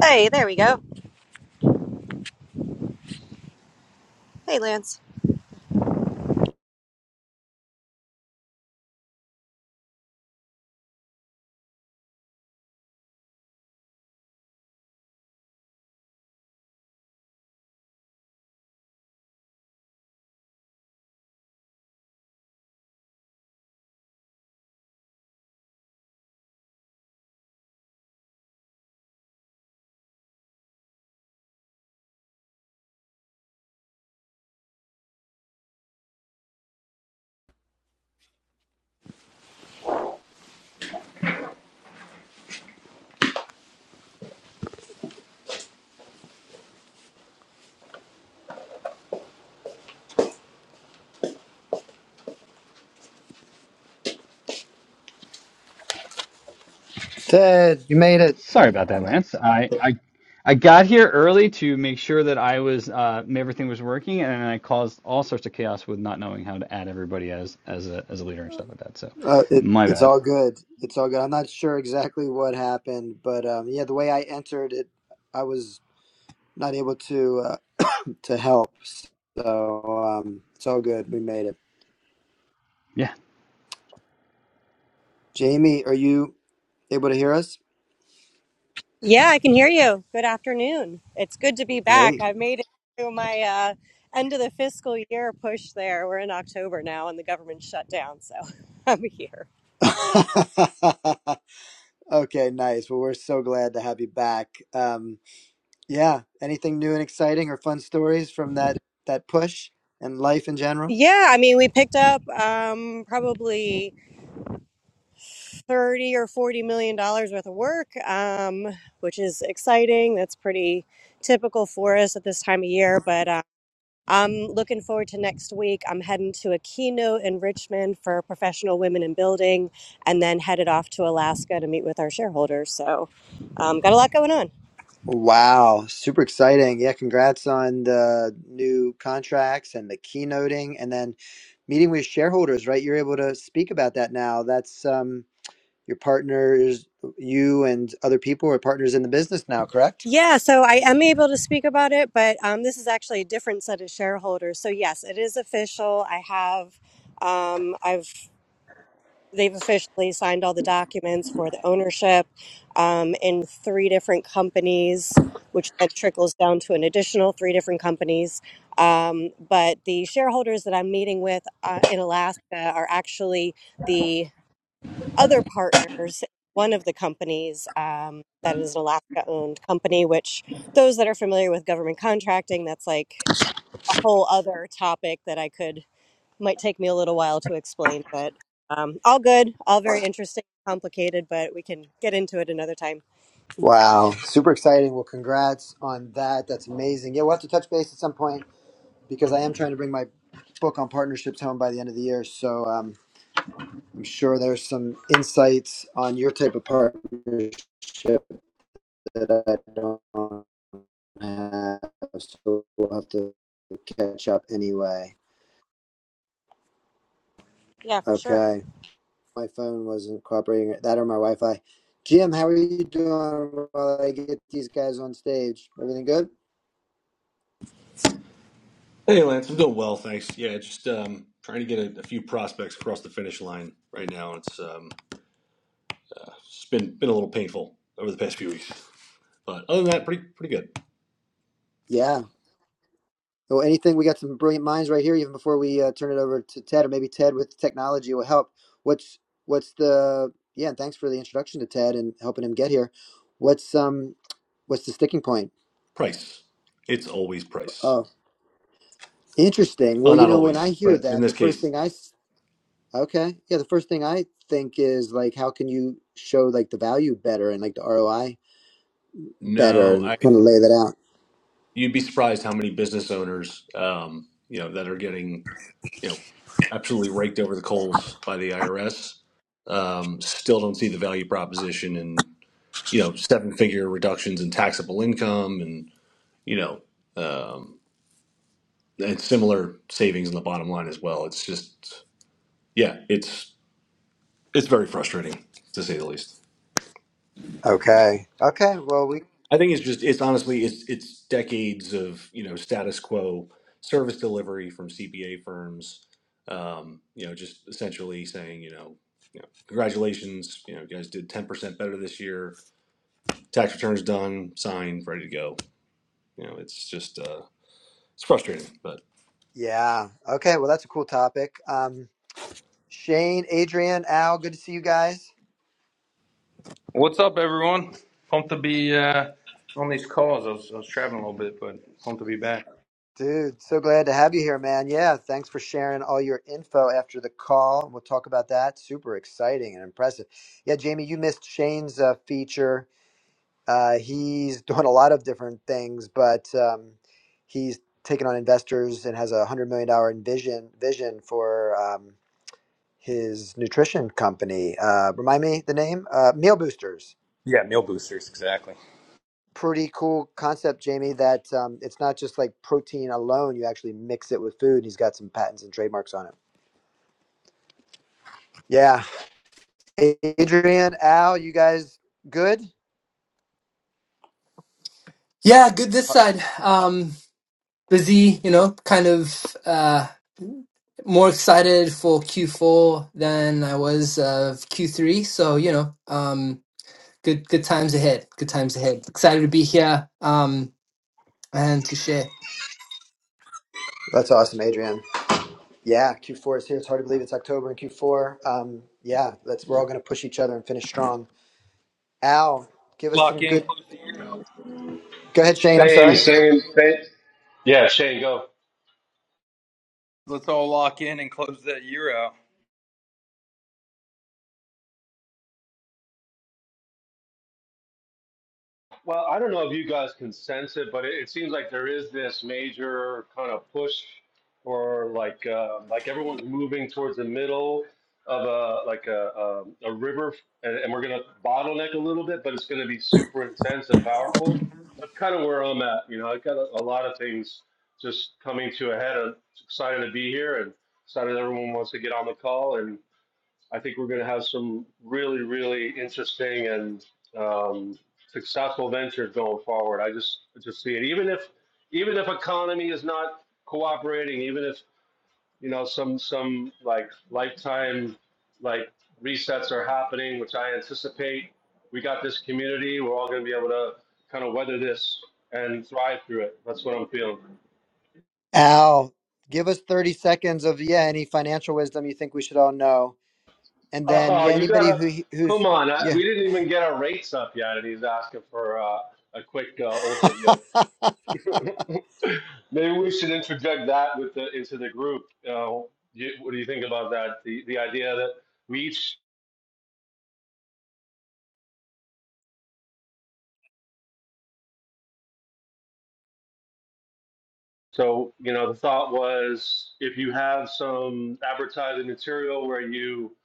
Hey, there we go. Hey, Lance. Ted, you made it. Sorry about that, Lance. I, I I got here early to make sure that I was uh, everything was working, and I caused all sorts of chaos with not knowing how to add everybody as as a as a leader and stuff like that. So, Uh, it. my It's bad. all good. It's all good. I'm not sure exactly what happened, but um, yeah, the way I entered it, I was not able to uh, to help. So um, it's all good. We made it. Yeah. Jamie, are you able to hear us? Yeah, I can hear you. Good afternoon. It's good to be back. Hey. I made it through my uh, end of the fiscal year push there. We're in October now and the government shut down, so I'm here. okay, nice. Well, we're so glad to have you back. Um, yeah. Anything new and exciting or fun stories from that that push and life in general? Yeah, I mean, we picked up um, probably 30 or 40 million dollars worth of work, um, which is exciting. That's pretty typical for us at this time of year, but I'm looking forward to next week. I'm heading to a keynote in Richmond for professional women in building and then headed off to Alaska to meet with our shareholders. So, um, got a lot going on. Wow, super exciting. Yeah, congrats on the new contracts and the keynoting and then meeting with shareholders, right? You're able to speak about that now. That's um your partners, you and other people are partners in the business now, correct? Yeah, so I am able to speak about it, but um, this is actually a different set of shareholders. So yes, it is official. I have um, I've they've officially signed all the documents for the ownership um, in three different companies, which then trickles down to an additional three different companies. Um, but the shareholders that I'm meeting with uh, in Alaska are actually the other partners. One of the companies um, that is an Alaska owned company, which those that are familiar with government contracting, that's like a whole other topic that I could might take me a little while to explain, but um, all good, all very interesting, complicated, but we can get into it another time. Wow, super exciting. Well, congrats on that. That's amazing. Yeah, we'll have to touch base at some point because I am trying to bring my book on partnerships home by the end of the year. So um, I'm sure there's some insights on your type of partnership that I don't have, so we'll have to catch up anyway. Yeah, for sure. Okay, my phone wasn't cooperating. That or my Wi-Fi. Jim, how are you doing while I get these guys on stage? Everything good? Hey, Lance, I'm doing well, thanks. Yeah, just um, trying to get a, a few prospects across the finish line right now. It's um, it's been been a little painful over the past few weeks, but other than that, pretty pretty good. Yeah. Well, anything? We got some brilliant minds right here. Even before we uh, turn it over to Ted, or maybe Ted with technology will help. What's what's the yeah? And thanks for the introduction to Ted and helping him get here. What's um what's the sticking point? Price, it's always price. Oh. Interesting. Well, Well, you not know, when always, I hear but in that, this the first case, thing I s- okay, yeah, the first thing I think is like, how can you show like the value better and like the ROI better no. and I kind of lay that out? you'd be surprised how many business owners, um, you know, that are getting you know absolutely raked over the coals by the IRS, um, still don't see the value proposition in you know seven figure reductions in taxable income you know, um, and similar savings in the bottom line as well. It's just, yeah, it's it's very frustrating to say the least. Okay. Okay. Well, we, I think it's just it's honestly it's it's decades of you know status quo service delivery from CPA firms, um, you know, just essentially saying you know. You know, congratulations! You know, you guys did ten percent better this year. Tax returns done, signed, ready to go. You know, it's just uh, it's frustrating, but yeah. Okay. Well, that's a cool topic. Um, Shane, Adrian, Al, good to see you guys. What's up, everyone? Pumped to be uh, on these calls. I was, I was traveling a little bit, but pumped to be back. Dude, so glad to have you here, man. Yeah. Thanks for sharing all your info after the call. We'll talk about that. Super exciting and impressive. Yeah, Jamie, you missed Shane's uh, feature Uh, he's doing a lot of different things, but um, he's taken on investors and has a hundred million dollar vision vision for um, his nutrition company. Uh, remind me the name? Uh, Meal Boosters. Yeah, meal boosters, exactly. Pretty cool concept, Jamie. That um, it's not just like protein alone. You actually mix it with food. He's got some patents and trademarks on it. Yeah, Adrian, Al, you guys good? Yeah, good this side. Um, busy, you know, kind of uh, more excited for Q4 than I was of Q3. So, you know, um, good good times ahead. Good times ahead. Excited to be here um, and to share. That's awesome, Adrian. Yeah, Q4 is here. It's hard to believe it's October in Q4. Um, yeah, let's we're all going to push each other and finish strong. Al, give us Lock some in, good. close the year out. Go ahead, Shane. I'm Same, sorry. same, same. Yeah, Shane, go. Let's all lock in and close that year out. Well, I don't know if you guys can sense it, but it, it seems like there is this major kind of push, or like uh, like everyone's moving towards the middle of a like a a, a river, and, and we're gonna bottleneck a little bit, but it's gonna be super intense and powerful. That's kind of where I'm at. You know, I got a, a lot of things just coming to a head. I'm excited to be here, and excited everyone wants to get on the call, I think we're going to have some really, really interesting and um, successful ventures going forward. I just, I just see it. Even if, even if economy is not cooperating, even if you know some, some like lifetime, like resets are happening, which I anticipate. We got this community. We're all going to be able to kind of weather this and thrive through it. That's what I'm feeling. Al, give us 30 seconds of yeah any financial wisdom you think we should all know, and then Oh, yeah you anybody gotta who who's come on. I, yeah. we didn't even get our rates up yet, and he's asking for uh, a quick uh, overview. no, Maybe we should interject that with the into the group. Uh, you, what do you think about that? The the idea that we each. So you know, the thought was if you have some advertising material where you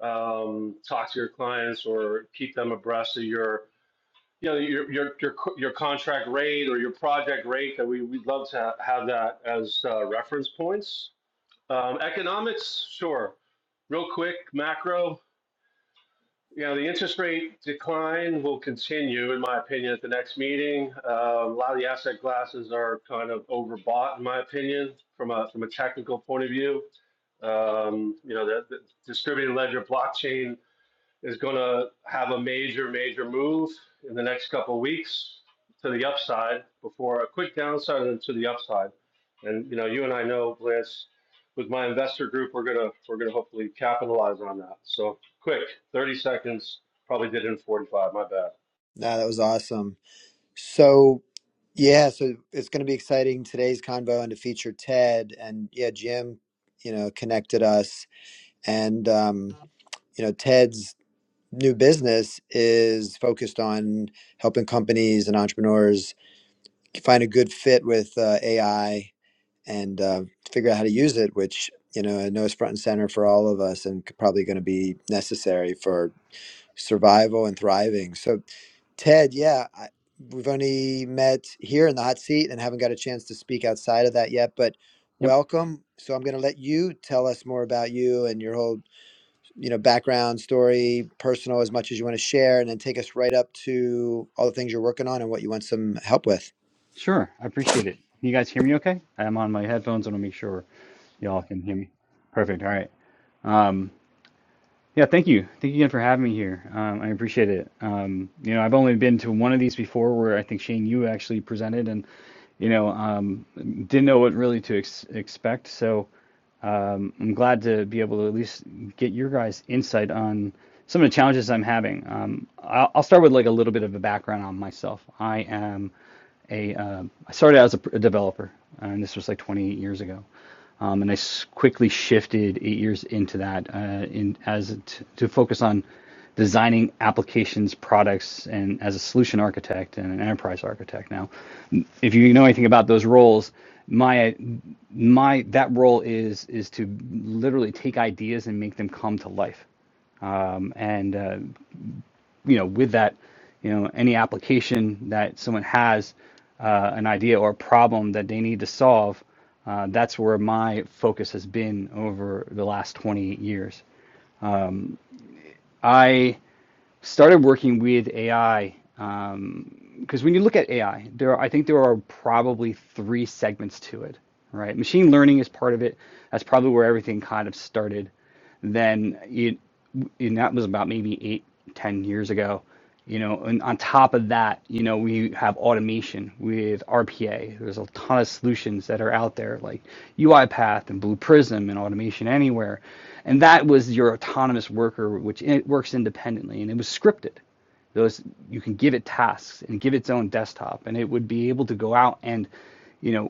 um, talk to your clients or keep them abreast of your you know, your your your co- your contract rate or your project rate that we we'd love to ha- have that as uh, reference points. Um, economics, sure. Real quick, macro. You know, the interest rate decline will continue, in my opinion, at the next meeting. Uh, a lot of the asset classes are kind of overbought, in my opinion, from a from a technical point of view. Um, you know, the, the distributed ledger blockchain is going to have a major, major move in the next couple of weeks to the upside before a quick downside and to the upside. And you know, you and I know, Lance, with my investor group, we're gonna we're gonna hopefully capitalize on that. So quick, 30 seconds. Probably did it in 45. My bad. that was awesome. So yeah, so it's going to be exciting today's convo and to feature Ted and yeah Jim, you know connected us and um, you know Ted's new business is focused on helping companies and entrepreneurs find a good fit with uh, AI and uh, figure out how to use it, which you know I know is front and center for all of us and c- probably going to be necessary for survival and thriving. So, Ted, yeah. I, We've only met here in the hot seat and haven't got a chance to speak outside of that yet, but Yep. welcome. So I'm going to let you tell us more about you and your whole you know background story personal as much as you want to share and then take us right up to all the things you're working on and what you want some help with Sure. I appreciate it. You guys hear me okay? I'm on my headphones. and I will make sure y'all can hear me. Perfect. All right. Um, Yeah, thank you. Thank you again for having me here. Um, I appreciate it. Um, you know, I've only been to one of these before where I think Shane, you actually presented and, you know, um, didn't know what really to ex expect. So um, I'm glad to be able to at least get your guys' insight on some of the challenges I'm having. Um, I'll, I'll start with like a little bit of a background on myself. I am a, um, I started out as a, pr- a developer, uh, and this was like 28 years ago. Um, and I quickly shifted eight years into that uh, in, as t- to focus on designing applications, products, and as a solution architect and an enterprise architect. Now, if you know anything about those roles, my my that role is is to literally take ideas and make them come to life. Um, and uh, you know, with that, you know, any application that someone has uh, an idea or a problem that they need to solve, uh, that's where my focus has been over the last 28 years. I started working with AI because when you look at AI, there are, I think there are probably three segments to it, right? Machine learning is part of it. That's probably where everything kind of started. Then you, and that was about maybe eight, ten years ago, you know. And on top of that, you know, we have automation with RPA. There's a ton of solutions that are out there like UiPath and Blue Prism and Automation Anywhere, and that was your autonomous worker, which it works independently and it was scripted those you can give it tasks and give its own desktop and it would be able to go out and you know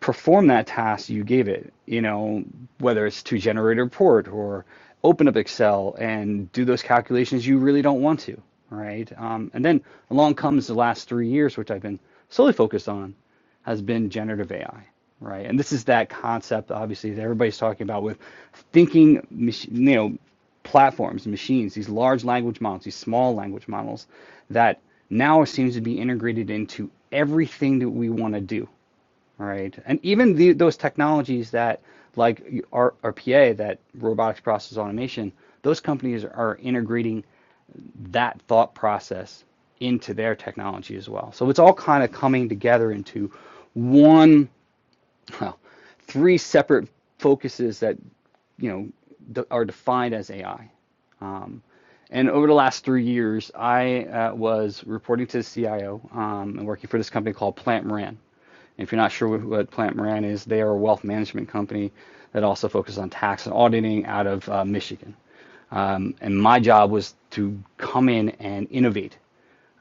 perform that task you gave it, you know, whether it's to generate a report or open up Excel and do those calculations you really don't want to, right? Um, and then along comes the last three years, which I've been solely focused on, has been generative AI, right? And this is that concept, obviously, that everybody's talking about with thinking, you know, platforms, machines, these large language models, these small language models that now seems to be integrated into everything that we want to do Right. And even the, those technologies that, like RPA, that robotics process automation, those companies are integrating that thought process into their technology as well. So it's all kind of coming together into one, well, three separate focuses that, you know, are defined as AI. Um, and over the last three years, I uh, was reporting to the CIO um, and working for this company called Plant Moran. And If you're not sure what, what Plant Moran is, they are a wealth management company that also focuses on tax and auditing out of uh, Michigan. Um, and my job was to come in and innovate.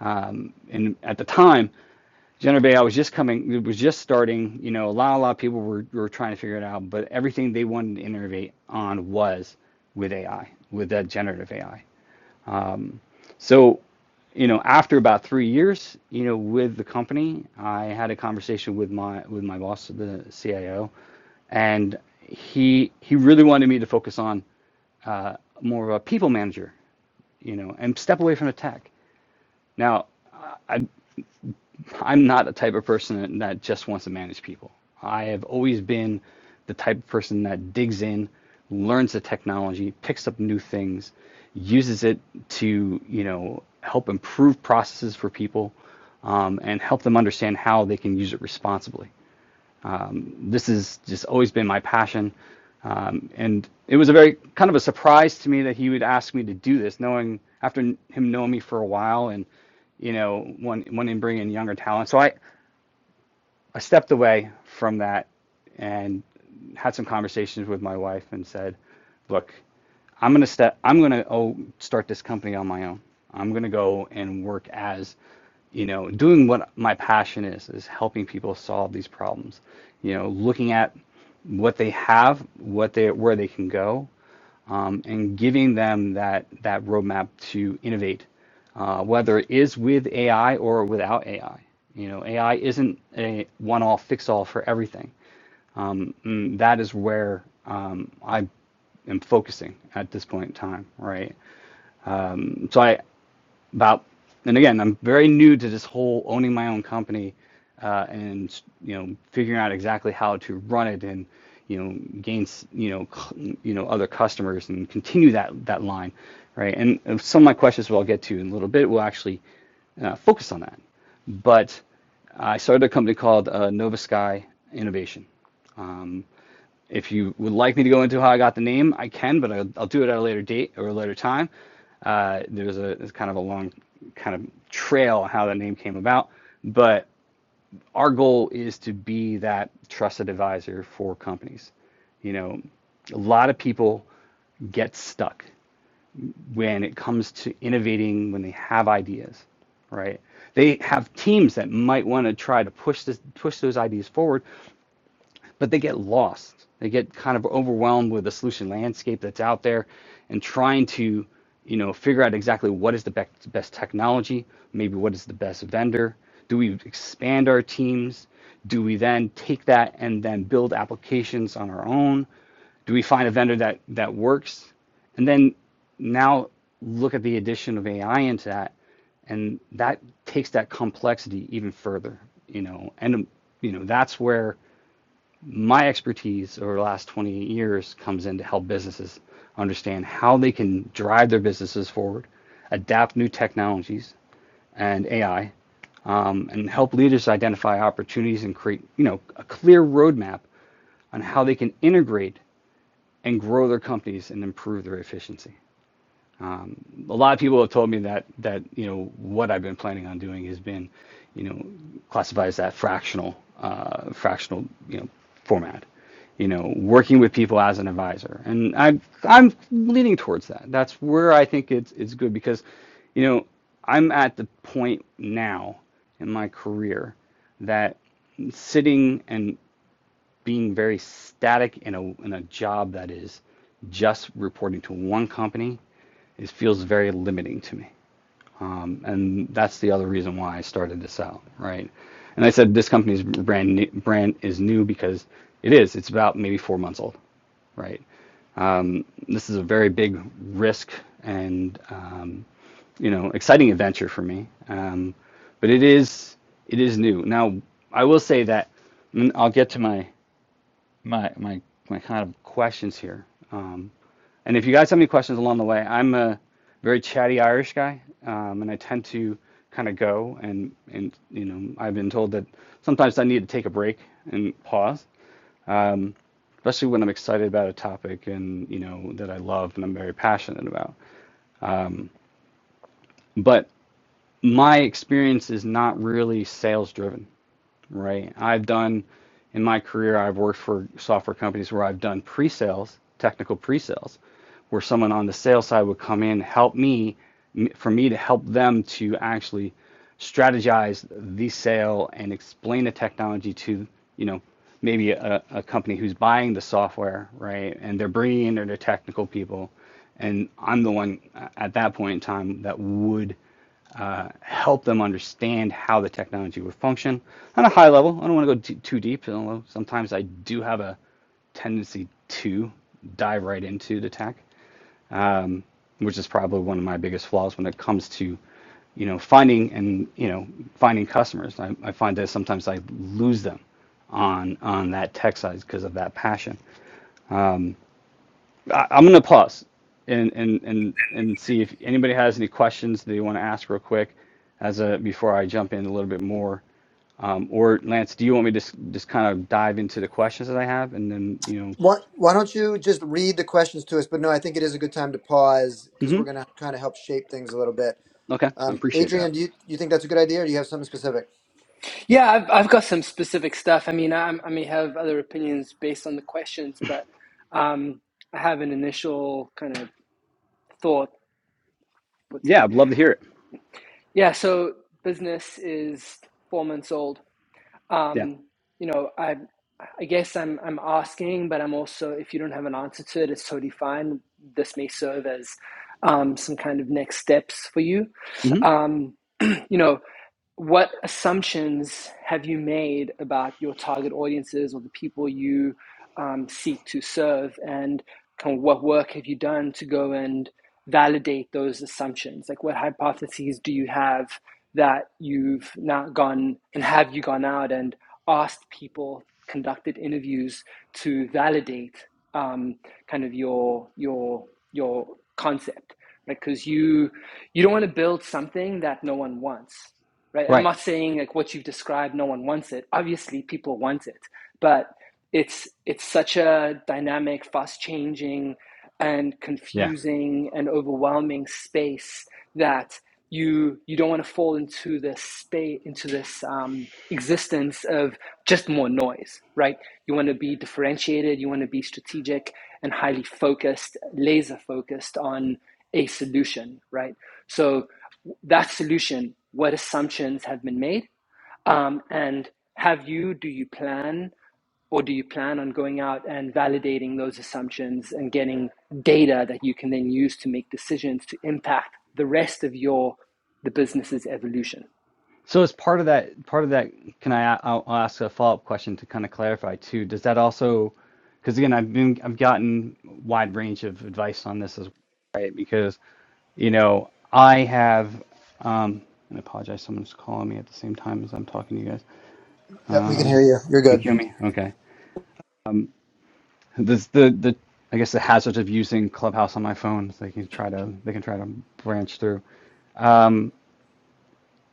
Um, and at the time, Generbay, I was just coming, it was just starting. You know, a lot, a lot of people were, were trying to figure it out, but everything they wanted to innovate on was with AI, with that generative AI. So, you know, after about three years, you know, with the company, I had a conversation with my with my boss, the CIO, and he he really wanted me to focus on uh, more of a people manager, you know, and step away from the tech. Now, I. I'm not the type of person that just wants to manage people. I have always been the type of person that digs in, learns the technology, picks up new things, uses it to, you know, help improve processes for people um, and help them understand how they can use it responsibly. This has just always been my passion. Um, and it was a very kind of a surprise to me that he would ask me to do this, knowing after him knowing me for a while and you know, one wanting to bring in younger talent. So I I stepped away from that and had some conversations with my wife and said, "Look, I'm gonna step. I'm gonna oh, start this company on my own. I'm gonna go and work as, you know, doing what my passion is is helping people solve these problems. You know, looking at what they have, what they where they can go, um, and giving them that that roadmap to innovate, uh, whether it is with AI or without AI. You know, AI isn't a one-all fix-all for everything. Mm, that is where um, I am focusing at this point in time, right? So I about and again i'm very new to this whole owning my own company uh, and you know figuring out exactly how to run it and you know gain you know c- you know other customers and continue that that line right and uh, some of my questions we'll get to in a little bit will actually uh, focus on that but i started a company called uh, nova sky innovation if you would like me to go into how I got the name, I can, but I'll, I'll do it at a later date or a later time. Uh, there's a there's kind of a long kind of trail on how the name came about, but our goal is to be that trusted advisor for companies. You know, a lot of people get stuck when it comes to innovating when they have ideas right they have teams that might want to try to push this push those ideas forward but they get lost. They get kind of overwhelmed with the solution landscape that's out there and trying to, you know, figure out exactly what is the bec- best technology, maybe what is the best vendor. Do we expand our teams? Do we then take that and then build applications on our own? Do we find a vendor that that works? And then now look at the addition of AI into that, and that takes that complexity even further, you know, and um, you know that's where my expertise over the last 20 years comes in to help businesses understand how they can drive their businesses forward, adapt new technologies and AI, um, and help leaders identify opportunities and create, you know, a clear roadmap on how they can integrate and grow their companies and improve their efficiency a lot of people have told me that that you know what I've been planning on doing has been, you know, classified as that fractional, uh, fractional, you know, format. You know, working with people as an advisor, and I'm I'm leaning towards that. That's where I think it's it's good because, you know, I'm at the point now in my career that sitting and being very static in a in a job that is just reporting to one company it feels very limiting to me. Um, and that's the other reason why I started this out, right? And I said this company's brand new, brand is new because it is. It's about maybe four months old, right? Um, this is a very big risk and um, you know exciting adventure for me. Um, but it is it is new. Now I will say that and I'll get to my my my my kind of questions here. Um, and if you guys have any questions along the way, I'm a very chatty Irish guy, um, and I tend to kind of go and and you know I've been told that sometimes I need to take a break and pause, especially when I'm excited about a topic and you know that I love and I'm very passionate about. But my experience is not really sales driven. right? I've done in my career, I've worked for software companies where I've done pre-sales, technical pre-sales, where someone on the sales side would come in, help me, for me to help them to actually strategize the sale and explain the technology to, you know, maybe a, a company who's buying the software, right? And they're bringing in their technical people, and I'm the one uh, at that point in time that would uh, help them understand how the technology would function on a high level. I don't want to go too, too deep, although sometimes I do have a tendency to dive right into the tech, which is probably one of my biggest flaws when it comes to, you know, finding and you know finding customers. I, I find that sometimes I lose them on on that tech side because of that passion. I, I'm gonna pause and and and and see if anybody has any questions they want to ask real quick as a before I jump in a little bit more. Um, or Lance, do you want me to s- just kind of dive into the questions that I have and then you know? Why, why don't you just read the questions to us? But no, I think it is a good time to pause because we're going Mm-hmm. to kind of help shape things a little bit. Okay, I Um, appreciate that. Adrian, do you, you think that's a good idea or do you have something specific? Yeah, I've, I've got some specific stuff. I mean, I, I may have other opinions based on the questions, but um, I have an initial kind of thought put Yeah, in. I'd love to hear it. Yeah, so business is four months old. Yeah. Um, you know, I I guess I'm I'm asking, but I'm also if you don't have an answer to it, it's totally fine. This may serve as um, some kind of next steps for you. Mm-hmm. Um, you know, what assumptions have you made about your target audiences or the people you um, seek to serve and kind of what work have you done to go and validate those assumptions like what hypotheses do you have that you've now gone and have you gone out and asked people conducted interviews to validate um, kind of your your your concept Because you you don't want to build something that no one wants right i'm Right. not saying like what you've described no one wants it obviously people want it but it's it's such a dynamic fast changing and Yeah. confusing and overwhelming space that you you don't want to fall into this space into this um, existence of just more noise right you want to be differentiated you want to be strategic and highly focused laser focused on a solution right so that solution, what assumptions have been made? Um, and have you, do you plan or do you plan on going out and validating those assumptions and getting data that you can then use to make decisions to impact the rest of your the business's evolution? So as part of that, part of that, can I? I'll I'll ask a follow-up question to kind of clarify too. Does that also? Because again, I've been I've gotten wide range of advice on this as well, right? Because You know, I have, um, and I apologize, someone's calling me at the same time as I'm talking to you guys. Yep, we can Um, hear you. You're you good. hear me? Okay. This the the I guess the hazards of using Clubhouse on my phone. is They can try to they can try to branch through.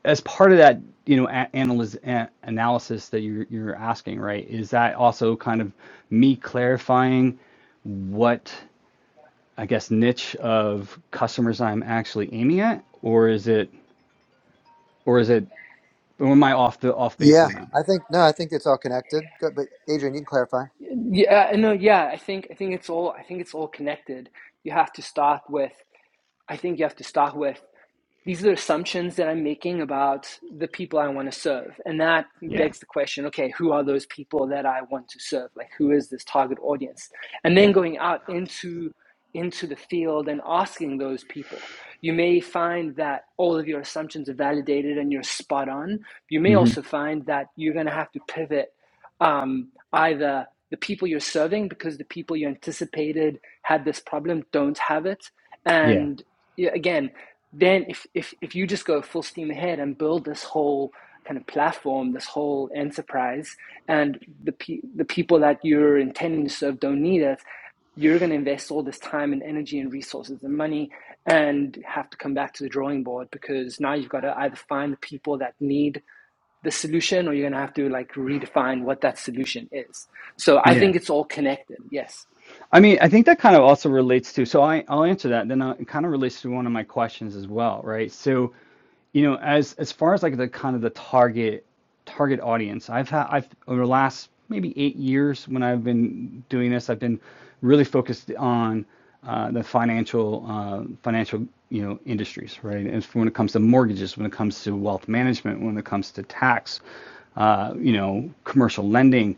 As part of that, you know, a- analyz- a- analysis that you're you're asking, right? Is that also kind of me clarifying what I guess niche of customers I'm actually aiming at, or is it or is it or am I off the off base Yeah, on that? I think, no, I think it's all connected. Good, but Adrian, you can clarify. Yeah, uh, no, yeah, I think I think it's all I think it's all connected. You have to start with I think you have to start with these are assumptions that I'm making about the people I want to serve. And that Yeah, begs the question okay, who are those people that I want to serve? Like, who is this target audience? And then yeah, going out into into the field and asking those people. You may find that all of your assumptions are validated and you're spot on. You may hmm also find that you're going to have to pivot um, either the people you're serving because the people you anticipated had this problem don't have it, yeah, and yeah, again, then if, if, if you just go full steam ahead and build this whole kind of platform, this whole enterprise, and the, pe- the people that you're intending to serve don't need it, you're going to invest all this time and energy and resources and money and have to come back to the drawing board because now you've got to either find the people that need the solution or you're going to have to like redefine what that solution is. So I yeah. think it's all connected. Yes. I mean, I think that kind of also relates to. So I, I'll answer that. Then I- it kind of relates to one of my questions as well, right? So You know, as as far as like the kind of the target target audience, I've had I've over the last maybe eight years when I've been doing this, I've been really focused on uh, the financial uh, financial you know industries, right? And when it comes to mortgages, when it comes to wealth management, when it comes to tax, uh, you know, commercial lending,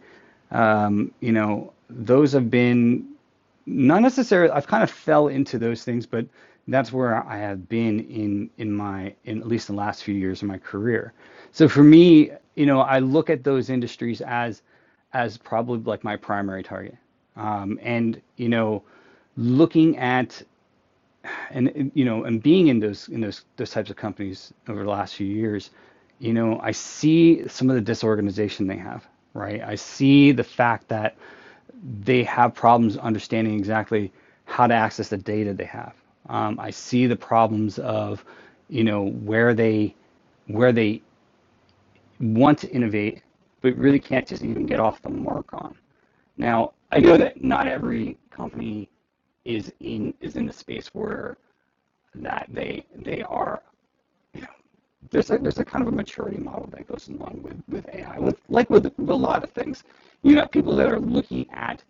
um, you know, those have been not necessarily i've kind of fell into those things but that's where i have been in in my in at least the last few years of my career so for me you know i look at those industries as as probably like my primary target um, and you know looking at and and, you know and being in those in those those types of companies over the last few years you know i see some of the disorganization they have right i see the fact that they have problems understanding exactly how to access the data they have. Um, I see the problems of, you know, where they where they want to innovate, but really can't just even get off the mark on. Now, I know that not every company is in is in the space where that they they are there's a there's a kind of a maturity model that goes along with with AI, with like with, with a lot of things. You have people that are looking at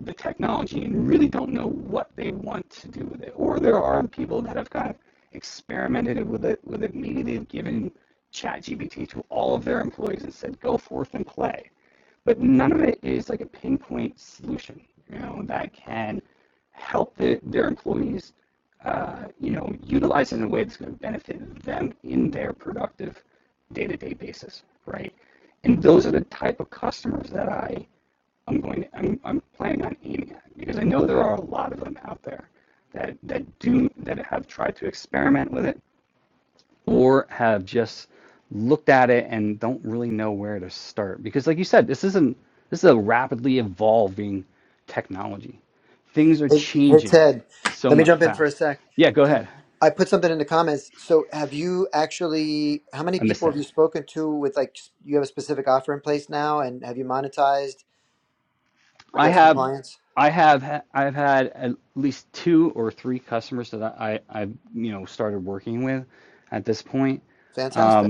the technology and really don't know what they want to do with it, or there are people that have kind of experimented with it with it. Maybe they've given ChatGPT to all of their employees and said, "Go forth and play," but none of it is like a pinpoint solution, you know, that can help the, their employees uh, you know, utilize in a way that's going to benefit them in their productive day-to-day basis, right? And those are the type of customers that I I'm going to, I'm, I'm planning on aiming at because I know there are a lot of them out there that that do that have tried to experiment with it or have just looked at it and don't really know where to start because like you said this isn't this is a rapidly evolving technology things are Hey, hey changing Ted, so let me much jump in for a fast sec. yeah go Did, ahead I put something in the comments. So, have you actually? How many i missed people have that you spoken to with like s- you have a specific offer in place now, and have you monetized? Do i you have some have clients? i have ha- i've had at least two or three customers that i i I've, you know started working with at this point Fantastic.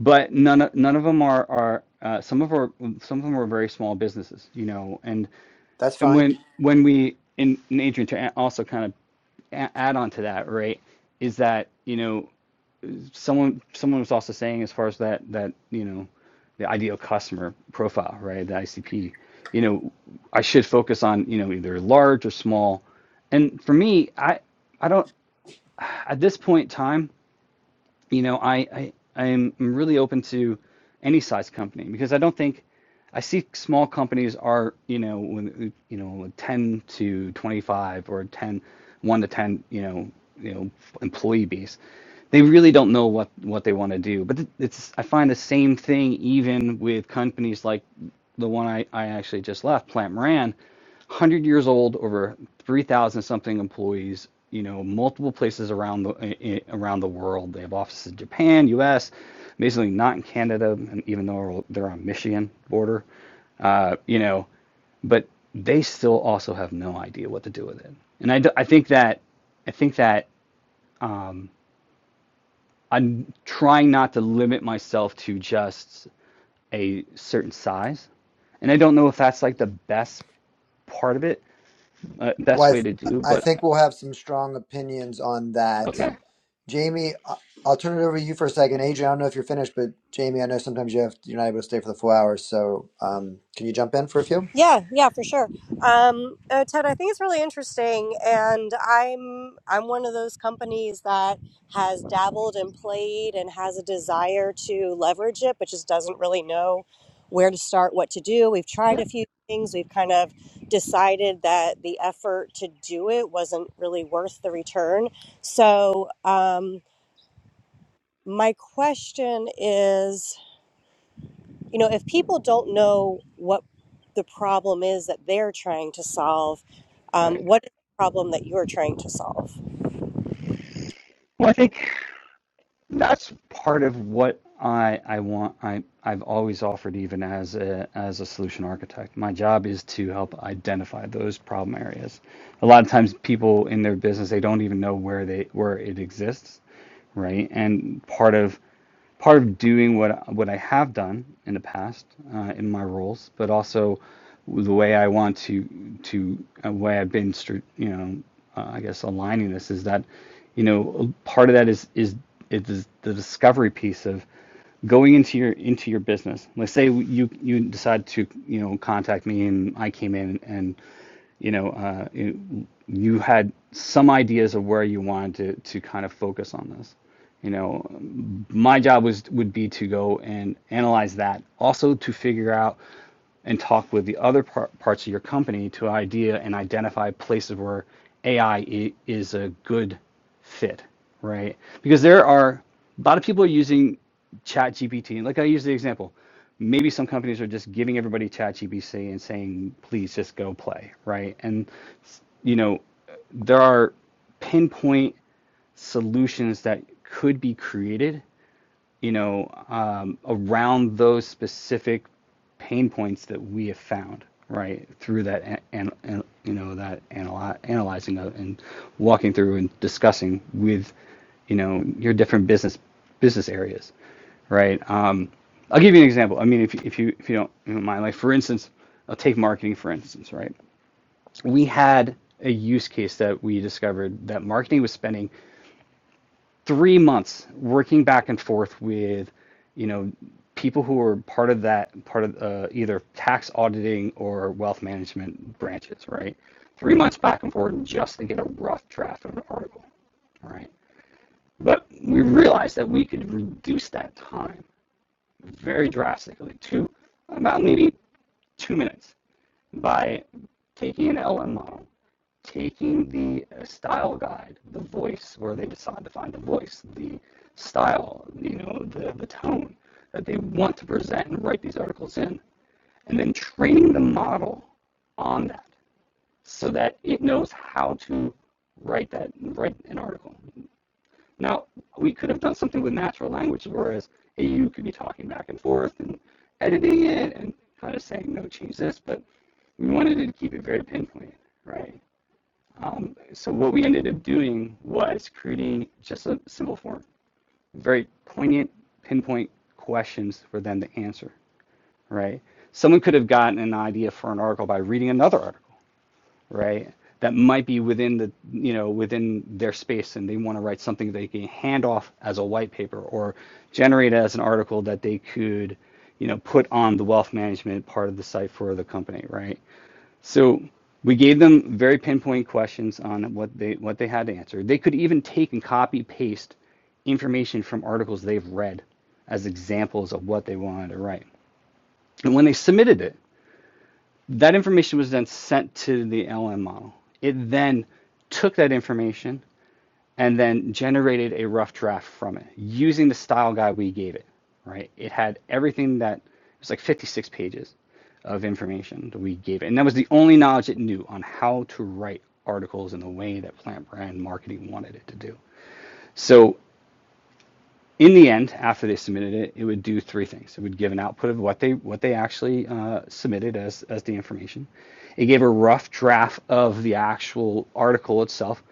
but none of none of them are are uh, some of our some of them are very small businesses you know and That's And fine. when when we in, Adrian to also kind of add on to that, right, is that, you know, someone someone was also saying as far as that that, you know, the ideal customer profile, right, the ICP, you know, I should focus on, you know, either large or small. And for me, I I don't at this point in time, you know, I, I I'm really open to any size company because I don't think I see small companies are, you know, when you know, 10 to 25 or 10, 1 to 10, you know, you know, employee base. They really don't know what what they want to do. But it's I find the same thing even with companies like the one I, I actually just left, Plant Moran. 100 years old, over 3,000 something employees, you know, multiple places around the around the world. They have offices in Japan, U.S., amazingly not in Canada, and even though they're on Michigan border, uh, you know, but they still also have no idea what to do with it. And I I think that I think that I'm trying not to limit myself to just a certain size. And I don't know if that's like the best part of it, uh, best Well, I, way th- to do, I but think we'll have some strong opinions on that. okay. Jamie, I- I'll turn it over to you for a second. Adrian, I don't know if you're finished, but Jamie, I know sometimes you have you're not able to stay for the full hour. So, um, can you jump in for a few? Yeah, yeah, for sure. Um, uh, Ted, I think it's really interesting, and I'm I'm one of those companies that has dabbled and played and has a desire to leverage it, but just doesn't really know where to start, what to do. We've tried Yeah, a few things. We've kind of decided that the effort to do it wasn't really worth the return. So, um, my question is you know, if people don't know what the problem is that they're trying to solve, right. um, what is the problem that you're trying to solve? Well, I think that's part of what I I want. I I've always offered, even as a as a solution architect, my job is to help identify those problem areas. A lot of times, people in their business they don't even know where they where it exists, right? And part of part of doing what what I have done in the past uh, in my roles, but also the way I want to to uh, way I've been, you know, uh, I guess aligning this is that, you know, part of that is is it is the discovery piece of going into your into your business. Let's say you you decide to you know contact me and I came in and you know, uh, you, you had some ideas of where you wanted to, to kind of focus on this. You know, my job was would be to go and analyze that, also to figure out and talk with the other par- parts of your company to idea and identify places where AI is a good fit, right? Because there are a lot of people are using ChatGPT. Like I use the example, maybe some companies are just giving everybody Chat and saying, please just go play, right? And you know, there are pinpoint solutions that could be created you know, um, around those specific pain points that we have found, right, through that and, an, an- you know that analy- analyzing and walking through and discussing with, you know, your different business business areas, right? Um, I'll give you an example. I mean, if if you if you don't, you don't mind, like for instance, I'll take marketing for instance, right? We had a use case that we discovered that marketing was spending three months working back and forth with, you know, people who are part of that part of uh, either tax auditing or wealth management branches, right? Three months back and forth just to get a rough draft of an article, right? But we realized that we could reduce that time very drastically to about maybe two minutes by taking an LM model taking the uh, style guide, the voice, where they decide to find the voice, the style, you know, the, the tone that they want to present and write these articles in, and then training the model on that so that it knows how to write that write an article. Now we could have done something with natural language, whereas you could be talking back and forth and editing it and kind of saying no, change this, but we wanted to keep it very pinpoint, right? Um, so what we ended up doing was creating just a simple form, very poignant, pinpoint questions for them to answer, right? Someone could have gotten an idea for an article by reading another article, right? That might be within the, you know, within their space and they want to write something they can hand off as a white paper or generate as an article that they could, you know, put on the wealth management part of the site for the company, right? So we gave them very pinpoint questions on what they what they had to answer. They could even take and copy paste information from articles they've read as examples of what they wanted to write. And when they submitted it, that information was then sent to the LM model. It then took that information and then generated a rough draft from it using the style guide we gave it, right? It had everything that it was like 56 pages of information that we gave it. And that was the only knowledge it knew on how to write articles in the way that Plant Brand Marketing wanted it to do. So in the end, after they submitted it, it would do three things. It would give an output of what they what they actually uh, submitted as as the information. It gave a rough draft of the actual article itself.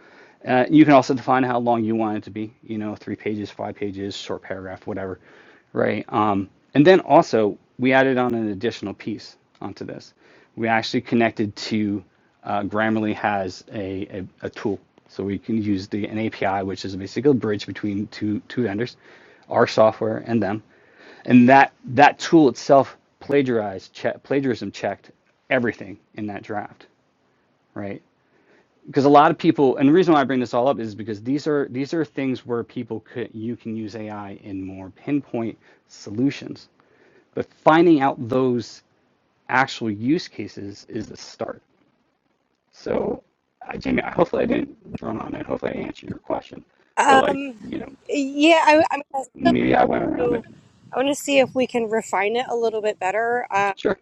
Uh, you can also define how long you want it to be. You know, three pages, five pages, short paragraph, whatever, right? Um, and then also we added on an additional piece onto this we actually connected to uh, Grammarly has a, a, a tool. So we can use the an API, which is basically a bridge between two two vendors, our software and them. And that that tool itself plagiarized che- plagiarism checked everything in that draft, right? Because a lot of people, and the reason why I bring this all up is because these are these are things where people could you can use AI in more pinpoint solutions, but finding out those actual use cases is the start so, I, Jamie, hopefully I didn't drone on it. Hopefully I answered your question. But like, Um, you know, yeah, I, I'm maybe I went around going it. to. I want to see if we can refine it a little bit better uh, Sure.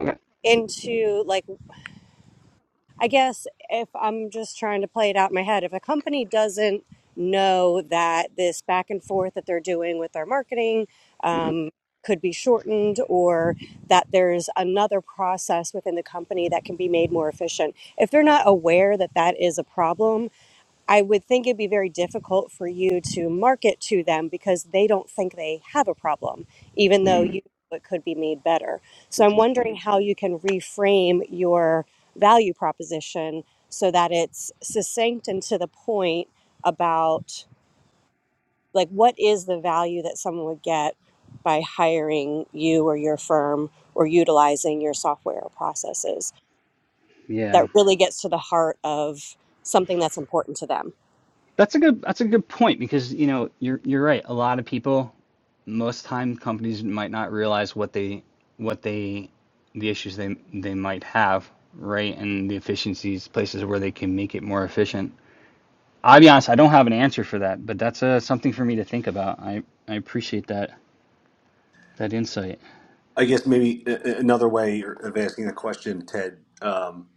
Okay. into like. I guess if I'm just trying to play it out in my head, if a company doesn't know that this back and forth that they're doing with their marketing Mhm. um, could be shortened or that there's another process within the company that can be made more efficient, if they're not aware that that is a problem, I would think it'd be very difficult for you to market to them because they don't think they have a problem, even though Mhm. you know it could be made better. So That's a I'm good wondering point. how you can reframe your value proposition so that it's succinct and to the point about like what is the value that someone would get by hiring you or your firm or utilizing your software or processes Yeah, that really gets to the heart of something that's important to them. that's a good that's a good point because you know you're you're right. A lot of people, most time companies might not realize what they what they the issues they they might have, right? And the efficiencies, places where they can make it more efficient. I'll be honest, I don't have an answer for that, but that's uh, something for me to think about. I I appreciate that that insight. I guess maybe a- a- another way of asking the question, Ted, um,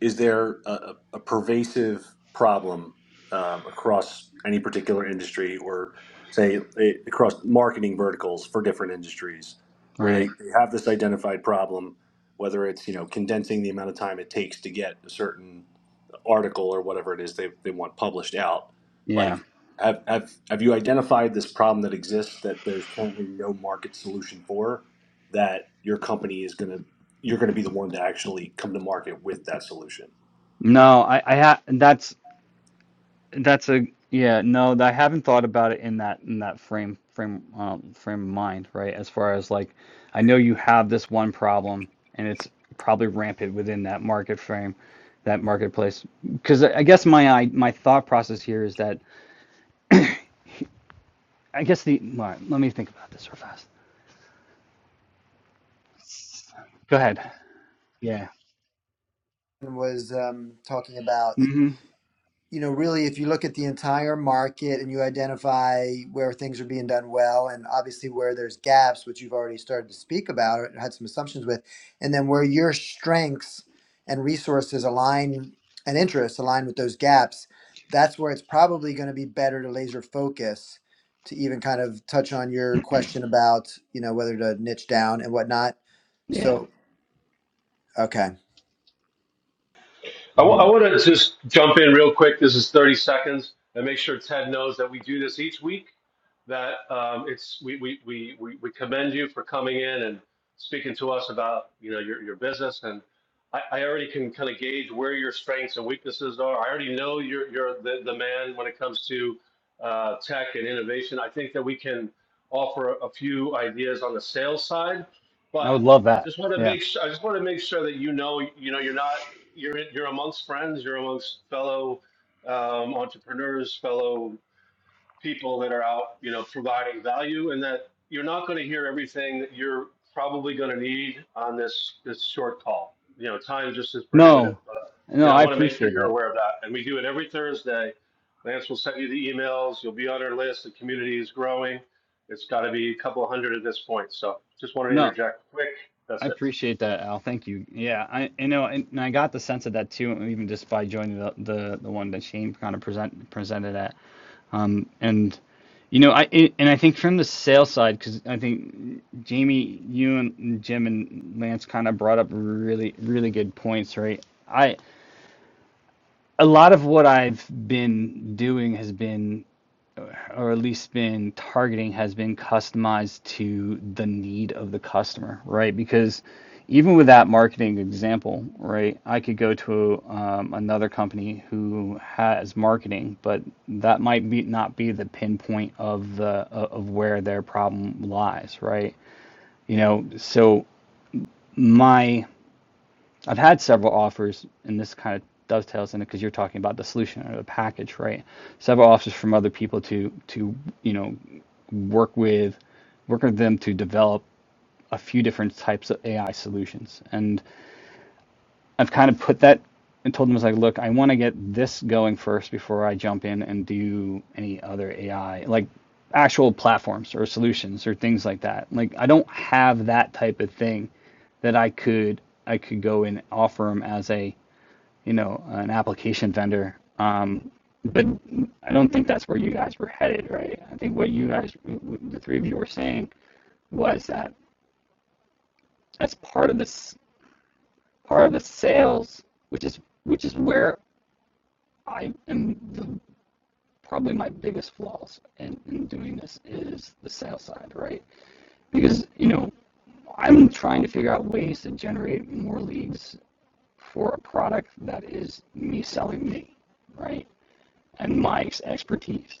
is there a, a pervasive problem um, across any particular industry or say a- across marketing verticals for different industries where they, Right. they have this identified problem, whether it's, you know, condensing the amount of time it takes to get a certain article or whatever it is they, they want published out Yeah. like have, have have you identified this problem that exists that there's currently no market solution for that your company is going to you're going to be the one to actually come to market with that solution No, I, I ha that's that's a yeah, no, I haven't thought about it in that in that frame frame um frame of mind, right? As far as like I know you have this one problem and it's probably rampant within that market frame, that marketplace. Because I I guess my I, my thought process here is that I guess the all right, let me think about this real fast. Go ahead. Yeah. Was um, talking about. Mm-hmm. you know, really, if you look at the entire market and you identify where things are being done well, and obviously where there's gaps, which you've already started to speak about or had some assumptions with, and then where your strengths and resources align and interests align with those gaps, that's where it's probably going to be better to laser focus to even kind of touch on your question about, you know, whether to niche down and whatnot. Yeah. So, okay. I w I Mhm. want to just jump in real quick. This is 30 seconds and make sure Ted knows that we do this each week. That um, it's we, we, we, we, we commend you for coming in and speaking to us about you know your, your business and I, I already can kind of gauge where your strengths and weaknesses are. I already know you're you're the, the man when it comes to uh, tech and innovation. I think that we can offer a few ideas on the sales side, but I would love I that. just want to Yeah. make sure, I just want to make sure that you know you know you're not you're you're amongst friends, you're amongst fellow um, entrepreneurs, fellow people that are out, you know, providing value, and that you're not going to hear everything that you're probably going to need on this this short call. You know, time just is prohibitive. No. But, you No, know, I I want to make sure appreciate you're that. aware of that, and we do it every Thursday. Lance will send you the emails. You'll be on our list. The community is growing. It's got to be a couple hundred at this point. So just wanted to No. interject quick. I That's it. appreciate that, Al. Thank you. Yeah, I, I know, and, and I got the sense of that too, even just by joining the the, the one that Shane kind of present presented at. Um, and you know, I it, and I think from the sales side, because I think Jamie, you and Jim and Lance kind of brought up really really good points, right? I a lot of what I've been doing has been or at least been targeting has been customized to the need of the customer, right? Because even with that marketing example, right, I could go to um, another company who has marketing, but that might be not be the pinpoint of the of where their problem lies, right? You know, so my I've had several offers, and this kind of dovetails in it because you're talking about the solution or the package, right? Several offers from other people to to you know work with work with them to develop a few different types of AI solutions. And I've kind of put that and told them, I was like, look, I want to get this going first before I jump in and do any other AI, like actual platforms or solutions or things like that. Like I don't have that type of thing that I could I could go and offer them as a you know, an application vendor. But I don't think that's where you guys were headed, right? I think what you guys, the three of you were saying was that that's part of this, part of the sales, which is, which is where I am the, probably my biggest flaws in, in doing this is the sales side, right? Because, you know, I'm trying to figure out ways to generate more leads for a product that is me selling me, right? And my expertise.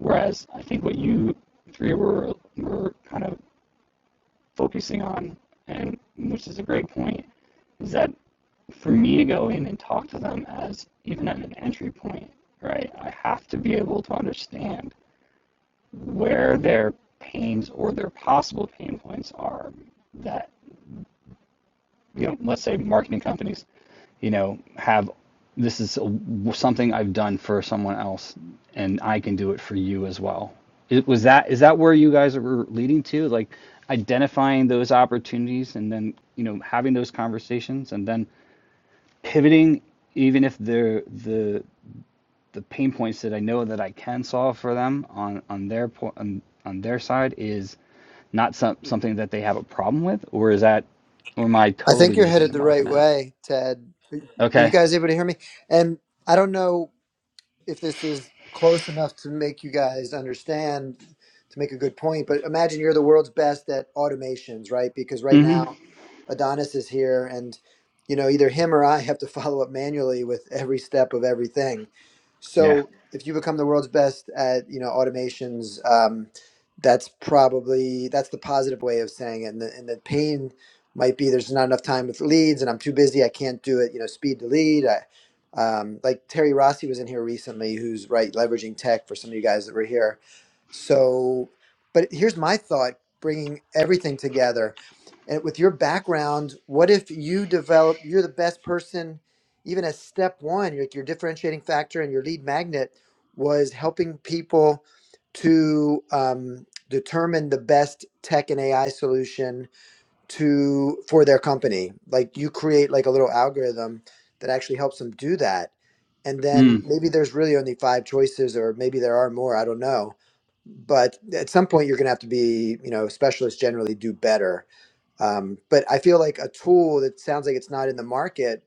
Whereas I think what you three were were kind of focusing on, and which is a great point, is that for me to go in and talk to them as even at an entry point, right? I have to be able to understand where their pains or their possible pain points are that you know, let's say marketing companies, you know, have this is something I've done for someone else, and I can do it for you as well. It, was that is that where you guys were leading to, like identifying those opportunities and then you know having those conversations and then pivoting, even if the the the pain points that I know that I can solve for them on on their point on, on their side is not some, something that they have a problem with, or is that or am I I totally think you're missing headed the the mark on right that? way, Ted. Were were you Okay. guys able to hear me? And I don't know if this is close enough to make you guys understand to make a good point but imagine you're the world's best at automations right because right hmm now adonis is here and you know either him or i have to follow up manually with every step of everything Yeah. so if you become the world's best at you know automations um, that's probably that's the positive way of saying it and the, and the pain might be there's not enough time with leads and i'm too busy i can't do it you know speed to lead I, um, like Terry Rossi was in here recently, who's right leveraging tech for some of you guys that were here. So, but here's my thought: bringing everything together, and with your background, what if you develop? You're the best person, even as step one. Your, your differentiating factor and your lead magnet was helping people to um, determine the best tech and AI solution to for their company like you create like a little algorithm that actually helps them do that and then Mm. maybe there's really only five choices or maybe there are more i don't know but at some point you're going to have to be you know specialists generally do better um, but i feel like a tool that sounds like it's not in the market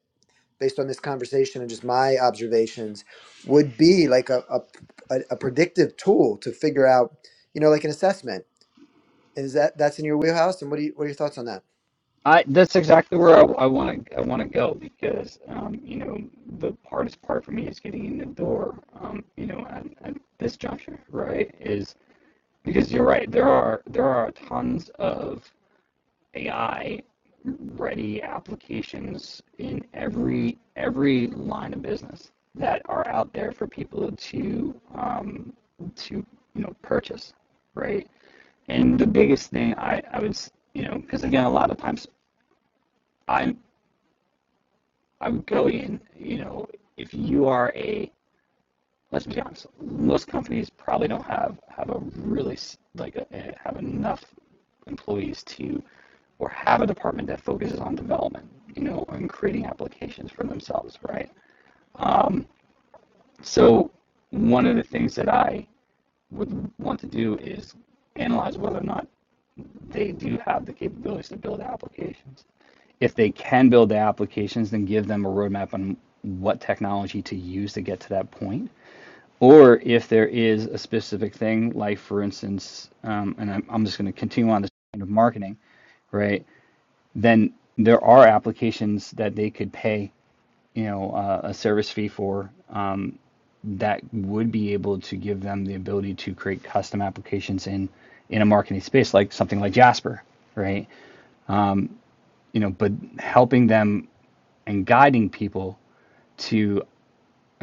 based on this conversation and just my observations would be like a, a, a a predictive tool to figure out you know like an assessment is that that's in your wheelhouse and what do you what are your thoughts on that I that's exactly where I, want to I want to go because um, you know the hardest part for me is getting in the door. Um, you know at, at this juncture, right? Is because you're right. There are there are tons of AI ready applications in every every line of business that are out there for people to um, to you know purchase, right? And the biggest thing I I was you know because again a lot of times I I am going you know if you are a let's be honest, most companies probably don't have have a really like a, eh, have enough employees to or have a department that focuses on development, you know, and creating applications for themselves, right? So one of the things that I would want to do is analyze whether or not they do have the capabilities to build applications. If they can build the applications, then give them a roadmap on what technology to use to get to that point. or if there is a specific thing, like for instance, um, and I'm, I'm just going to continue on this kind of marketing, right? Then there are applications that they could pay, you know, uh, a service fee for um, that would be able to give them the ability to create custom applications in in a marketing space, like something like Jasper, right? You know, but helping them and guiding people to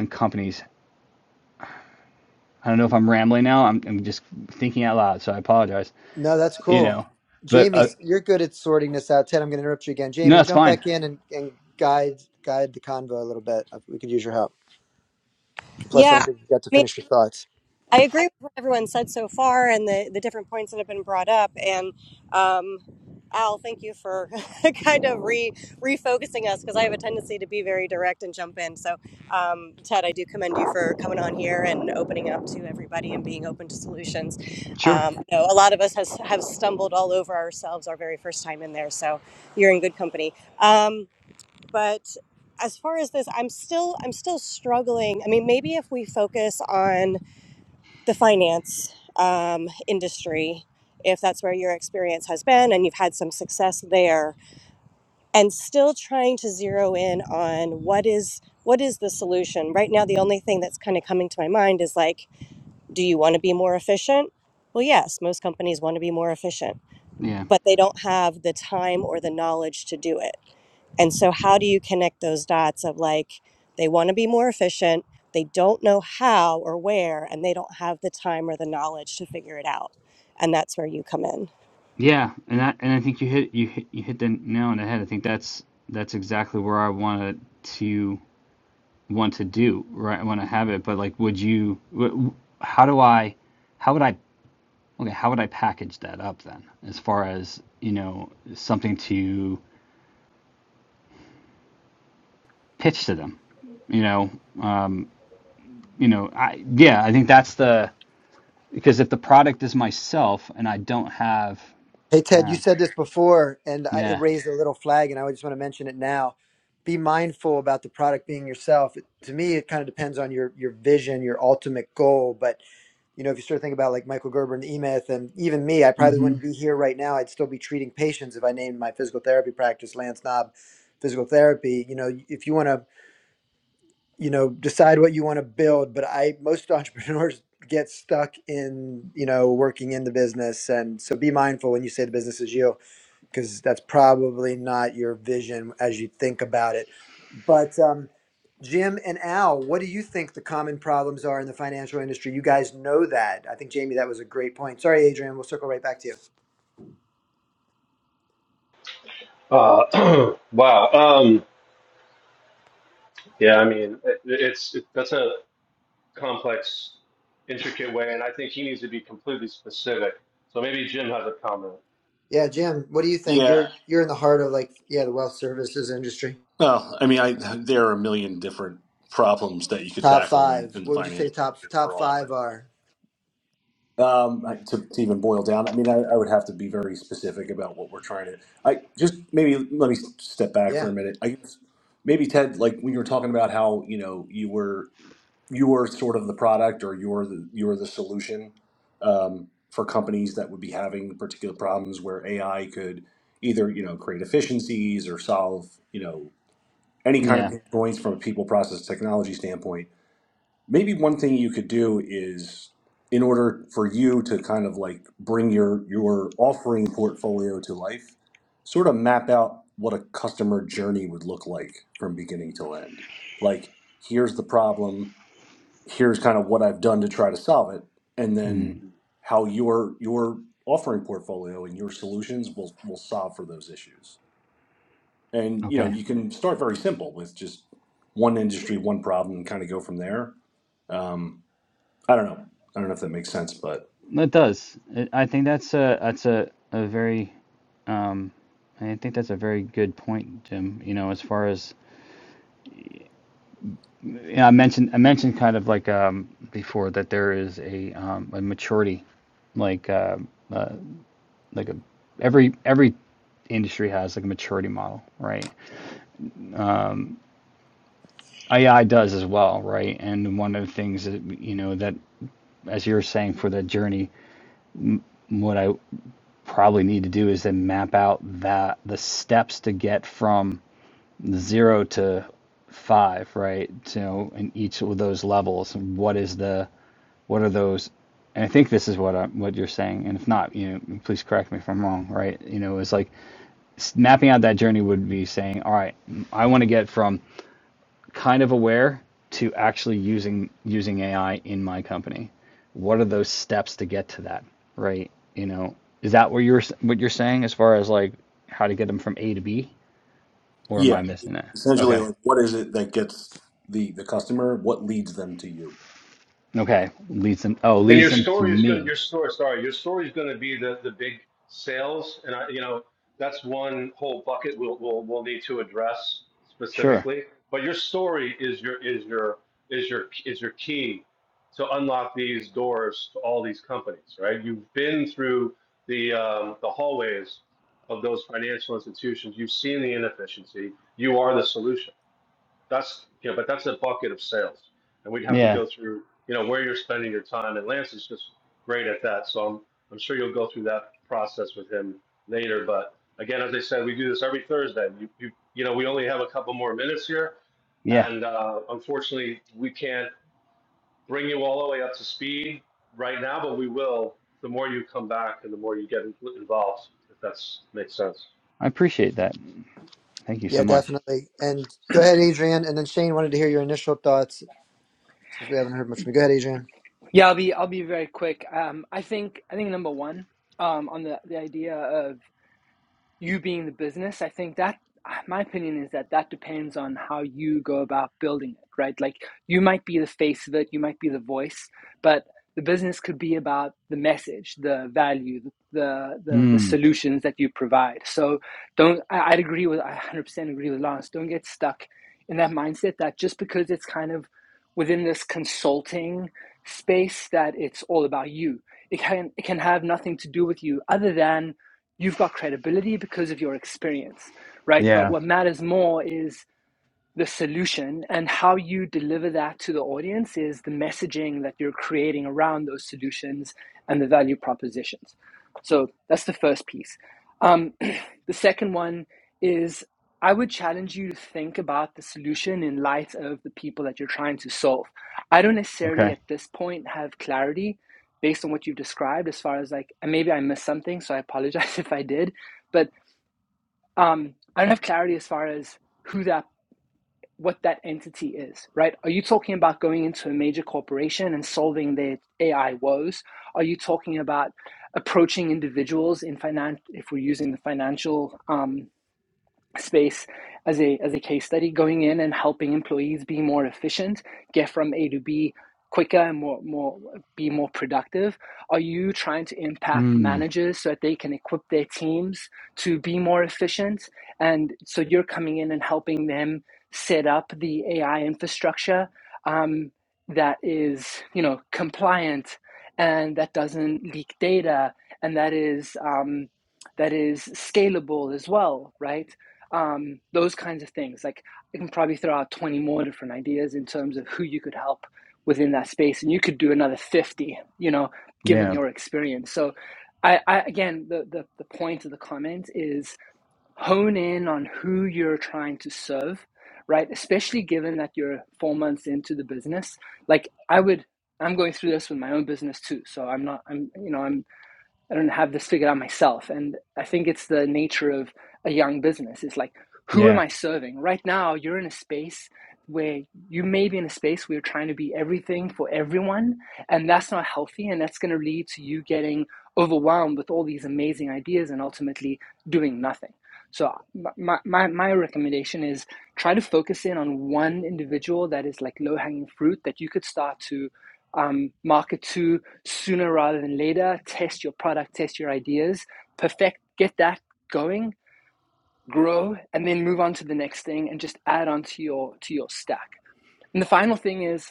and companies. I don't know if I'm rambling now. I'm, I'm just thinking out loud, so I apologize. No, that's You cool. know, but Jamie, uh, you're good at sorting this out. Ted, I'm going to interrupt you again. No, Jamie, that's jump fine. back in and, and guide guide the convo a little bit. We could use your help. Plus, I don't Yeah. think you got to finish your thoughts. I agree with what everyone said so far and the, the different points that have been brought up. And um, Al, thank you for kind of re, refocusing us because I have a tendency to be very direct and jump in. So, um, Ted, I do commend you for coming on here and opening up to everybody and being open to solutions. Sure. Um, you know, a lot of us has, have stumbled all over ourselves our very first time in there. So, you're in good company. Um, but as far as this, I'm still I'm still struggling. I mean, maybe if we focus on the finance um, industry, if that's where your experience has been and you've had some success there, and still trying to zero in on what is what is the solution. Right now, the only thing that's kind of coming to my mind is like, do you want to be more efficient? Well, yes, most companies want to be more efficient Yeah. but they don't have the time or the knowledge to do it. And so, how do you connect those dots of like, they want to be more efficient, they don't know how or where, and they don't have the time or the knowledge to figure it out? And that's where you come in. Yeah, and I and I think you hit you hit you hit the nail on the head. I think that's that's exactly where I wanted to want to do right. I want to have it, but like, would you? wh- wh- How do I? How would I? Okay, how would I package that up then? As far as you know, something to pitch to them. You know, you know. I yeah, I think that's the because if the product is myself and I don't have, Hey, Ted, you uh, said this before, and I, it yeah, raised a little flag, and I just want to mention it now. Be mindful about the product being yourself. It, to me, it kind of depends on your your vision, your ultimate goal, but you know, if you start thinking about like Michael Gerber and E-Myth and even me, I probably hmm wouldn't be here right now. I'd still be treating patients if I named my physical therapy practice Lance Knob Physical Therapy. You know, if you want to, you know, decide what you want to build, but I most entrepreneurs get stuck in, you know, working in the business and so be mindful when you say the business is you because that's probably not your vision as you think about it but um, Jim and Al, what do you think the common problems are in the financial industry? You guys know that. I think Jamie, that was a great point. Sorry, Adrian, we'll circle right back to you. Uh, wow. Um, Yeah, I mean, it, it's it, that's a complex, intricate way, and I think he needs to be completely specific. So maybe Jim has a comment. Yeah, Jim, what do you think? yeah You're you're in the heart of like yeah, the wealth services industry. well i mean i there are a million different problems that you could Top tackle in, five. in the What would you finance say top top overall but five are? Um, I- to, to even boil down, I mean, I, I would have to be very specific about what we're trying to. I just maybe let me step back for Yeah. a minute. I guess maybe Ted, like when you were talking about how you know you were you were sort of the product or you're the you're the solution um, for companies that would be having particular problems where AI could either you know create efficiencies or solve you know any kind of yeah. pain points from a people process technology standpoint maybe one thing you could do is in order for you to kind of like bring your your offering portfolio to life sort of map out what a customer journey would look like from beginning to end like here's the problem here's kind of what i've done to try to solve it and Hmm. then how your your offering portfolio and your solutions will will solve for those issues and you know Okay. you can start very simple with just one industry one problem and kind of go from there um, I don't know. I don't know if that makes sense, but It does. It, I think that's a that's a, a very I think that's a very good point, Jim. You know, as far as you know, I mentioned I mentioned kind of like um before that there is a um a maturity like uh like a every every industry has like a maturity model, right? AI does as well, right? And one of the things that you know that as you were saying for that journey, what I probably need to do is then map out that the steps to get from zero to five, right? You know, in each of those levels, and what is the what are those? And I think this is what I'm, what you're saying. And if not, you know, please correct me if I'm wrong, right? You know, it's like mapping out that journey would be saying, all right, I want to get from kind of aware to actually using using AI in my company. What are those steps to get to that, right? You know, is that what you're what you're saying as far as like how to get them from A to B, or am I yeah, missing it? essentially, Okay. like, what is it that gets the the customer? What leads them to you? Okay. Leads them. Oh, And leads your them to story is going to your me. story. Sorry, your story is going to be the the big sales, and I, you know that's one whole bucket we'll we'll we'll need to address Sure. specifically. But your story is your is your is your is your key to unlock these doors to all these companies, right? You've been through the um, the hallways of those financial institutions. You've seen the inefficiency. You are the solution. That's you know, but that's a bucket of sales, and we'd have to Yeah. go through you know where you're spending your time. And Lance is just great at that, so I'm I'm sure you'll go through that process with him later. But again, as I said, we do this every Thursday. You you, you know we only have a couple more minutes here, Yeah. and uh, unfortunately we can't bring you all the way up to speed right now, but we will. The more you come back, and the more you get in- involved, if that's makes sense. I appreciate that. Thank you so Yeah, much. definitely. And go ahead, Adrian. And then Shane wanted to hear your initial thoughts since we haven't heard much from you. Go ahead, Adrian. Yeah, I'll be I'll be very quick. Um, I think I think number one um, on the the idea of you being the business, I think that uh, my opinion is that that depends on how you go about building it, right? Like you might be the face of it, you might be the voice, but the business could be about the message, the value, the the the Hmm. solutions that you provide. So don't I, I'd agree with I 100% agree with Lance. Don't get stuck in that mindset that just because it's kind of within this consulting space that it's all about you. It can it can have nothing to do with you other than You've got credibility because of your experience, right? But Yeah. what matters more is the solution and how you deliver that to the audience is the messaging that you're creating around those solutions and the value propositions. So that's the first piece. Um, the second one is I would challenge you to think about the solution in light of the people that you're trying to solve. I don't necessarily Okay. at this point have clarity based on what you've described as far as like, and maybe I missed something, so I apologize if I did, but um, I don't have clarity as far as who that what that entity is, right? Are you talking about going into a major corporation and solving their AI woes? Are you talking about approaching individuals in finance if we're using the financial um, space as a as a case study going in and helping employees be more efficient get from a to b quicker and more more be more productive are you trying to impact Hmm. managers so that they can equip their teams to be more efficient and so you're coming in and helping them set up the ai infrastructure um, that is you know compliant and that doesn't leak data and that is um, that is scalable as well right um, those kinds of things. Like I can probably throw out 20 more different ideas in terms of who you could help within that space, and you could do another 50, you know, given Yeah. your experience. So, I, I again, the, the the point of the comment is hone in on who you're trying to serve, right? Especially given that you're four months into the business. Like I would. I'm going through this with my own business too, so I'm not. I'm you know I'm I don't have this figured out myself. And I think it's the nature of a young business. It's like, who am Yeah. I serving? Right now, you're in a space where you may be in a space where you're trying to be everything for everyone. And that's not healthy. And that's going to lead to you getting overwhelmed with all these amazing ideas and ultimately doing nothing. So, my, my, my recommendation is try to focus in on one individual that is like low hanging fruit that you could start to um, market to, sooner rather than later. Test your product, test your ideas, perfect, get that going, grow, and then move on to the next thing and just add on to your to your stack. And the final thing is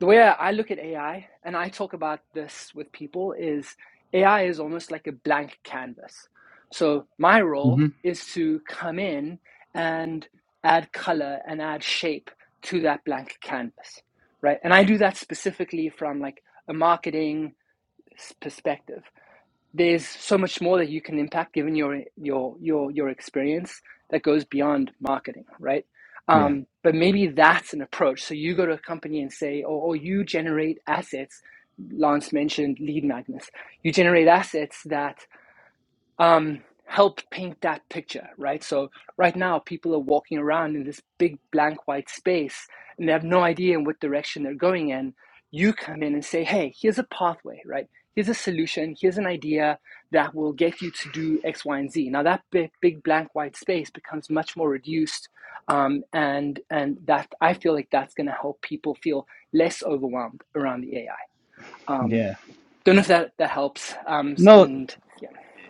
the way I look at AI, and I talk about this with people, is AI is almost like a blank canvas. So my role hmm is to come in and add color and add shape to that blank canvas, right? And I do that specifically from like a marketing perspective. There's so much more that you can impact given your your your your experience that goes beyond marketing, right? Yeah. Um, but maybe that's an approach. So you go to a company and say, or, or you generate assets. Lance mentioned lead magnets. You generate assets that um, help paint that picture, right? So right now, people are walking around in this big blank white space and they have no idea in what direction they're going in. You come in and say, hey, here's a pathway, right? Here's a solution. Here's an idea that will get you to do X, Y, and Z. Now that big, big blank white space becomes much more reduced, um, and and that I feel like that's going to help people feel less overwhelmed around the AI. Um, Yeah. don't know if that that helps. Um, No, and yeah.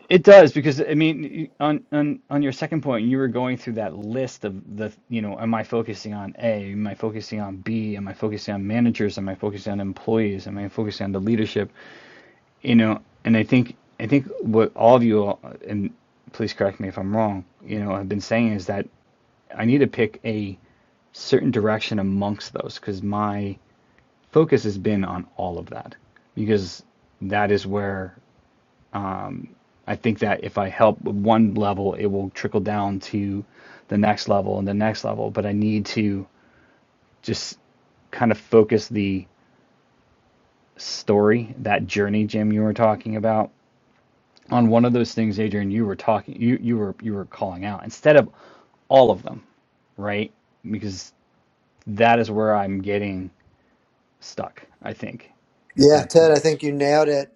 it does because I mean, y- on on on your second point, you were going through that list of the, you know, am I focusing on A? Am I focusing on B? Am I focusing on managers? Am I focusing on employees? Am I focusing on the leadership? you know, and I think I think what all of you and please correct me if I'm wrong, you know, have been saying is that I need to pick a certain direction amongst those because my focus has been on all of that because that is where I think that if I help with one level, it will trickle down to the next level and the next level. But I need to just kind of focus the story, that journey, Jim, you were talking about, on one of those things, Adrian, you were talking, you you were you were calling out instead of all of them, right? Because that is where I'm getting stuck, I think, at Yeah, that Ted, point. I think you nailed it.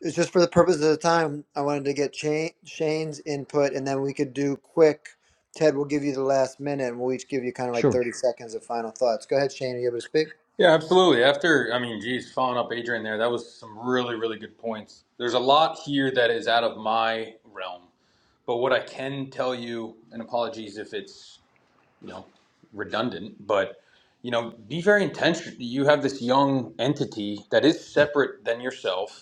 It's just for the purpose of the time. I wanted to get Shane, Shane's input, and then we could do quick. Ted will give you the last minute, and we'll each give you kind of like Sure. 30 seconds of final thoughts. Go ahead, Shane. Are you able to speak? Yeah, absolutely. After, I mean, geez, following up Adrian there, that was some really, really good points. There's a lot here that is out of my realm, but what I can tell you, and apologies if it's, you know, redundant, but you know, be very intentional. You have this young entity that is separate than yourself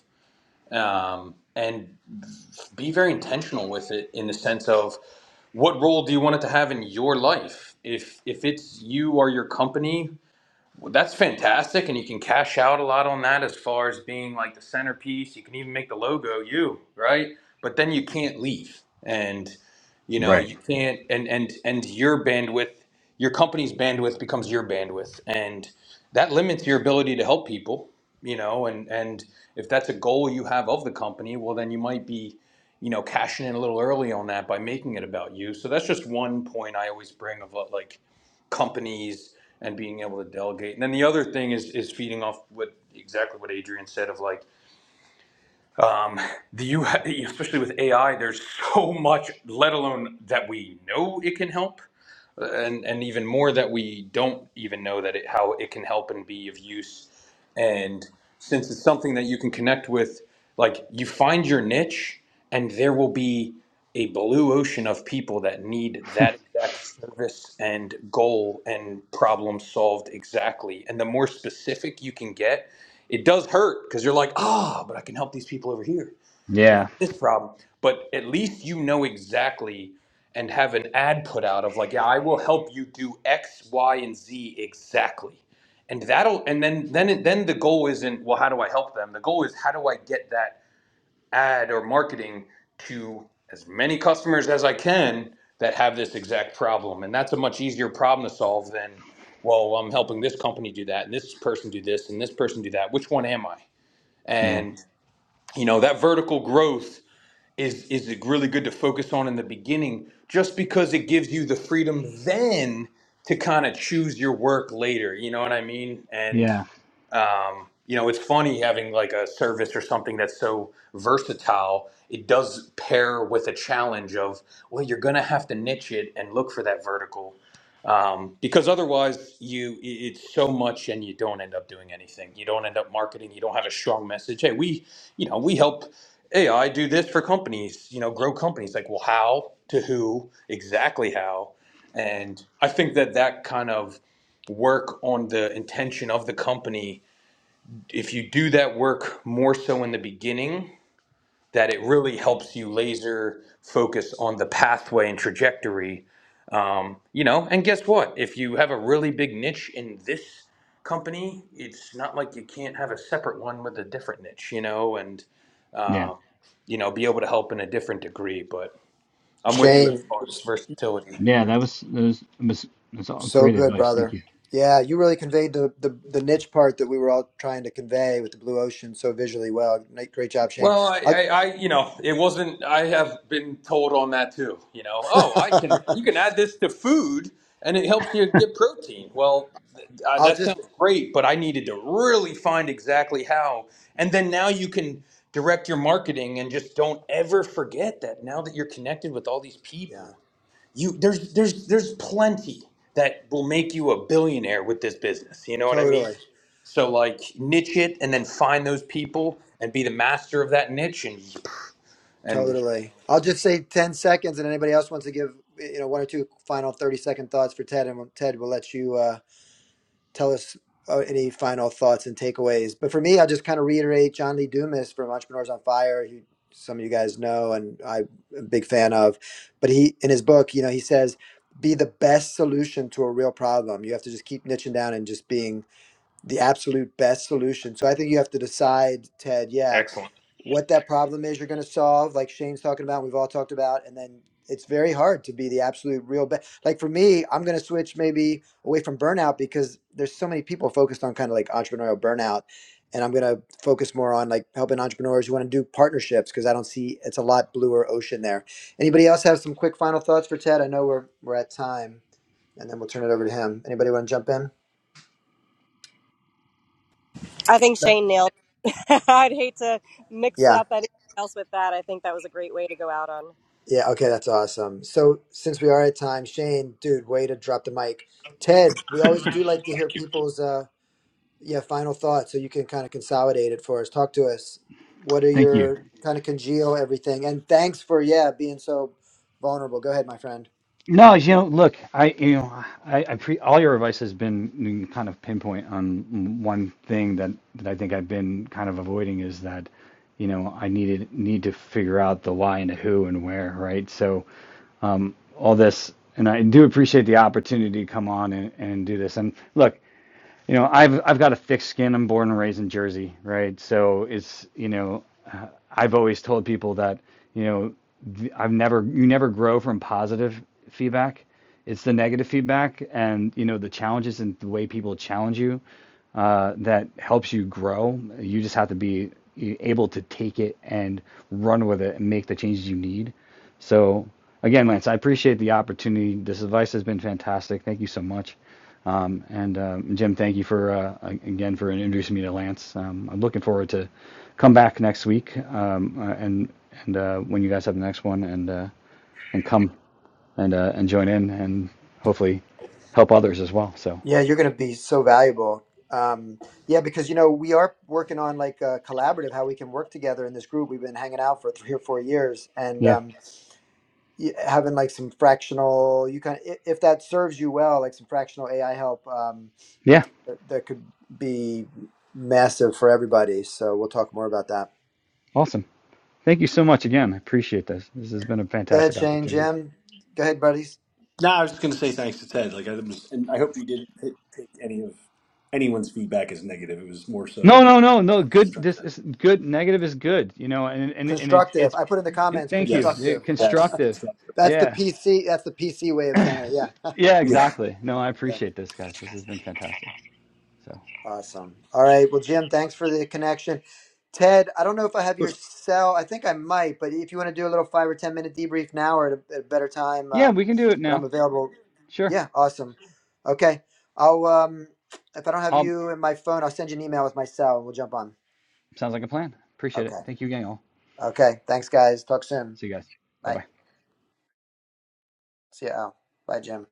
um, and be very intentional with it in the sense of what role do you want it to have in your life if if it's you or your company well, that's fantastic and you can cash out a lot on that as far as being like the centerpiece you can even make the logo you right but then you can't leave and you know Right. you can't and and and your bandwidth your company's bandwidth bandwidth and. that limits your ability to help people you know and and if that's a goal you have of the company well then you might be you know cashing in a little early on that by making it about you so that's just one point i always bring of uh, like companies and being able to delegate and then the other thing is is feeding off what exactly what adrian said of like um the you especially with ai there's so much let alone that we know it can help and and even more that we don't even know that it how it can help and be of use and since it's something that you can connect with like you find your niche and there will be a blue ocean of people that need that exact service and goal and problem solved exactly and the more specific you can get it does hurt because you're like ah but i can help these people over here you know, Yeah. this problem. But at least you know exactly and have an ad put out of like, yeah, I will help you do X, Y, and Z exactly. And that'll and then then it- then the goal isn't, well, how do I help them? The goal is how do I get that ad or marketing to as many customers as I can that have this exact problem. And that's a much easier problem to solve than, well, I'm helping this company do that and this person do this and this person do that. Which one am I? Yeah. And you know, that vertical growth is is it really good to focus on in the beginning just because it gives you the freedom then to kind of choose your work later you know what i mean and Yeah. um, you know it's funny having like a service or something that's so versatile it does pair with a challenge of well you're gonna have to niche it and look for that vertical um, because otherwise you i- it's so much and you don't end up doing anything you don't end up marketing you don't have a strong message hey we you know we help hey, I do this for companies, you know, grow companies. Like, well, how, to who, exactly how. And I think that that kind of work on the intention of the company, if you do that work more so in the beginning, that it really helps you laser focus on the pathway and trajectory. Um, you know, and guess what? If you have a really big niche in this company, it's not like you can't have a separate one with a different niche, you know, and, Yeah. uh, you know, be able to help in a different degree. But I'm with you as Shane, far as versatility. Yeah. you know. That was that was, was, that's all so great good, advice. Thank brother. you. Yeah, you really conveyed the, the, the niche part that we were all trying to convey with the blue ocean so visually well. Great, great job, Shane. Well, I, I'll, I, I, you know, it wasn't. I have been told on that too. You know, oh, I can. You can add this to food, and it helps you get protein. Well, th- uh, I'll that just, sounds great, but I needed to really find exactly how. And then now you can direct your marketing, and just don't ever forget that. Now that you're connected with all these yeah, people, you there's there's there's plenty that will make you a billionaire with this business you know what i mean totally. so like niche it and then find those people and be the master of that niche and and Totally. I'll just say 10 seconds and anybody else wants to give, you know, one or two final 30 second thoughts for Ted and Ted will let you uh, tell us uh, any final thoughts and takeaways. But for me, I'll just kind of reiterate John Lee Dumas from Entrepreneurs on Fire, who some of you guys know and I'm a big fan of. But he, in his book, you know, he says, be the best solution to a real problem. You have to just keep niching down and just being the absolute best solution. So I think you have to decide, Ted, yeah, excellent what that problem is you're going to solve, like Shane's talking about, we've all talked about, and then it's very hard to be the absolute real best. Like for me, I'm going to switch maybe away from burnout because there's so many people focused on kind of like entrepreneurial burnout, and I'm going to focus more on like helping entrepreneurs who want to do partnerships because I don't see it's a lot bluer ocean there. Anybody else have some quick final thoughts for Ted? I know we're we're at time, and then we'll turn it over to him. Anybody want to jump in? I think Shane nailed it. I'd hate to mix Yeah. up anything else with that. I think that was a great way to go out on. Yeah, okay, that's awesome. So since we are at time, Shane, dude, way to drop the mic. Ted, we always do like to hear people's uh yeah, final thoughts so you can kind of consolidate it for us. Talk to us. What are Thank you. your kind of congeal everything? And thanks for yeah, being so vulnerable. Go ahead, my friend. No, you know, look, I, you know, I, I pre all your advice has been kind of pinpoint on one thing that that I think I've been kind of avoiding is that, you know, I needed need to figure out the why and the who and where, right? So all this, and I do appreciate the opportunity to come on and, and do this. And look you know, I've I've got a thick skin. I'm born and raised in Jersey, right? So it's, you know, uh, I've always told people that, you know, I've never you never grow from positive feedback. It's the negative feedback and, you know, the challenges and the way people challenge you uh, that helps you grow. You just have to be able to take it and run with it and make the changes you need. So again, Lance, I appreciate the opportunity. This advice has been fantastic. Thank you so much. Um, and um, Jim, thank you for uh, again for introducing me to Lance. Um, I'm looking forward to come back next week um, uh, and and uh, when you guys have the next one and uh, and come and uh, and join in and hopefully help others as well. So Yeah, you're going to be so valuable. Um yeah, because you know, we are working on like a collaborative how we can work together in this group. We've been hanging out for 3 or 4 years and yeah, um y- having like some fractional you kind of if that serves you well like some fractional ai help um yeah, th- that could be massive for everybody so we'll talk more about that awesome. Thank you so much again. I appreciate this. This has been a go ahead fantastic shane opportunity. jim go ahead buddies No, I was just going to say thanks to Ted. Like, I was, and I hope you didn't ta- take any of anyone's feedback as negative. It was more No, so no, no, no. everyone's just Good. trying This to. is good. Negative is good, you know, and and and it's constructive it's. i put in the And comments thank you. Yeah, Yes. constructive Yes. Constructive. that's the Yeah. pc that's the pc way of saying it yeah Yeah. Yeah. Exactly. No, I appreciate this, guys. This has been fantastic. So Awesome. All right. Well, Jim, thanks for the connection. Ted, I don't know if I have your cell. I think I might, but if you want to do a little five or 10 minute debrief now or at a, at a better time, yeah, um, we can do it but I'm now. available. Sure. Yeah, awesome. Okay. I'll, um, if I don't have I'll. you in my phone, I'll send you an email with my cell and we'll jump on. Sounds like a plan. Appreciate it. Okay. Thank you, gang. All. Okay. Thanks, guys. Talk soon. See you guys. Bye bye. Bye. See ya. Al. Bye, Jim.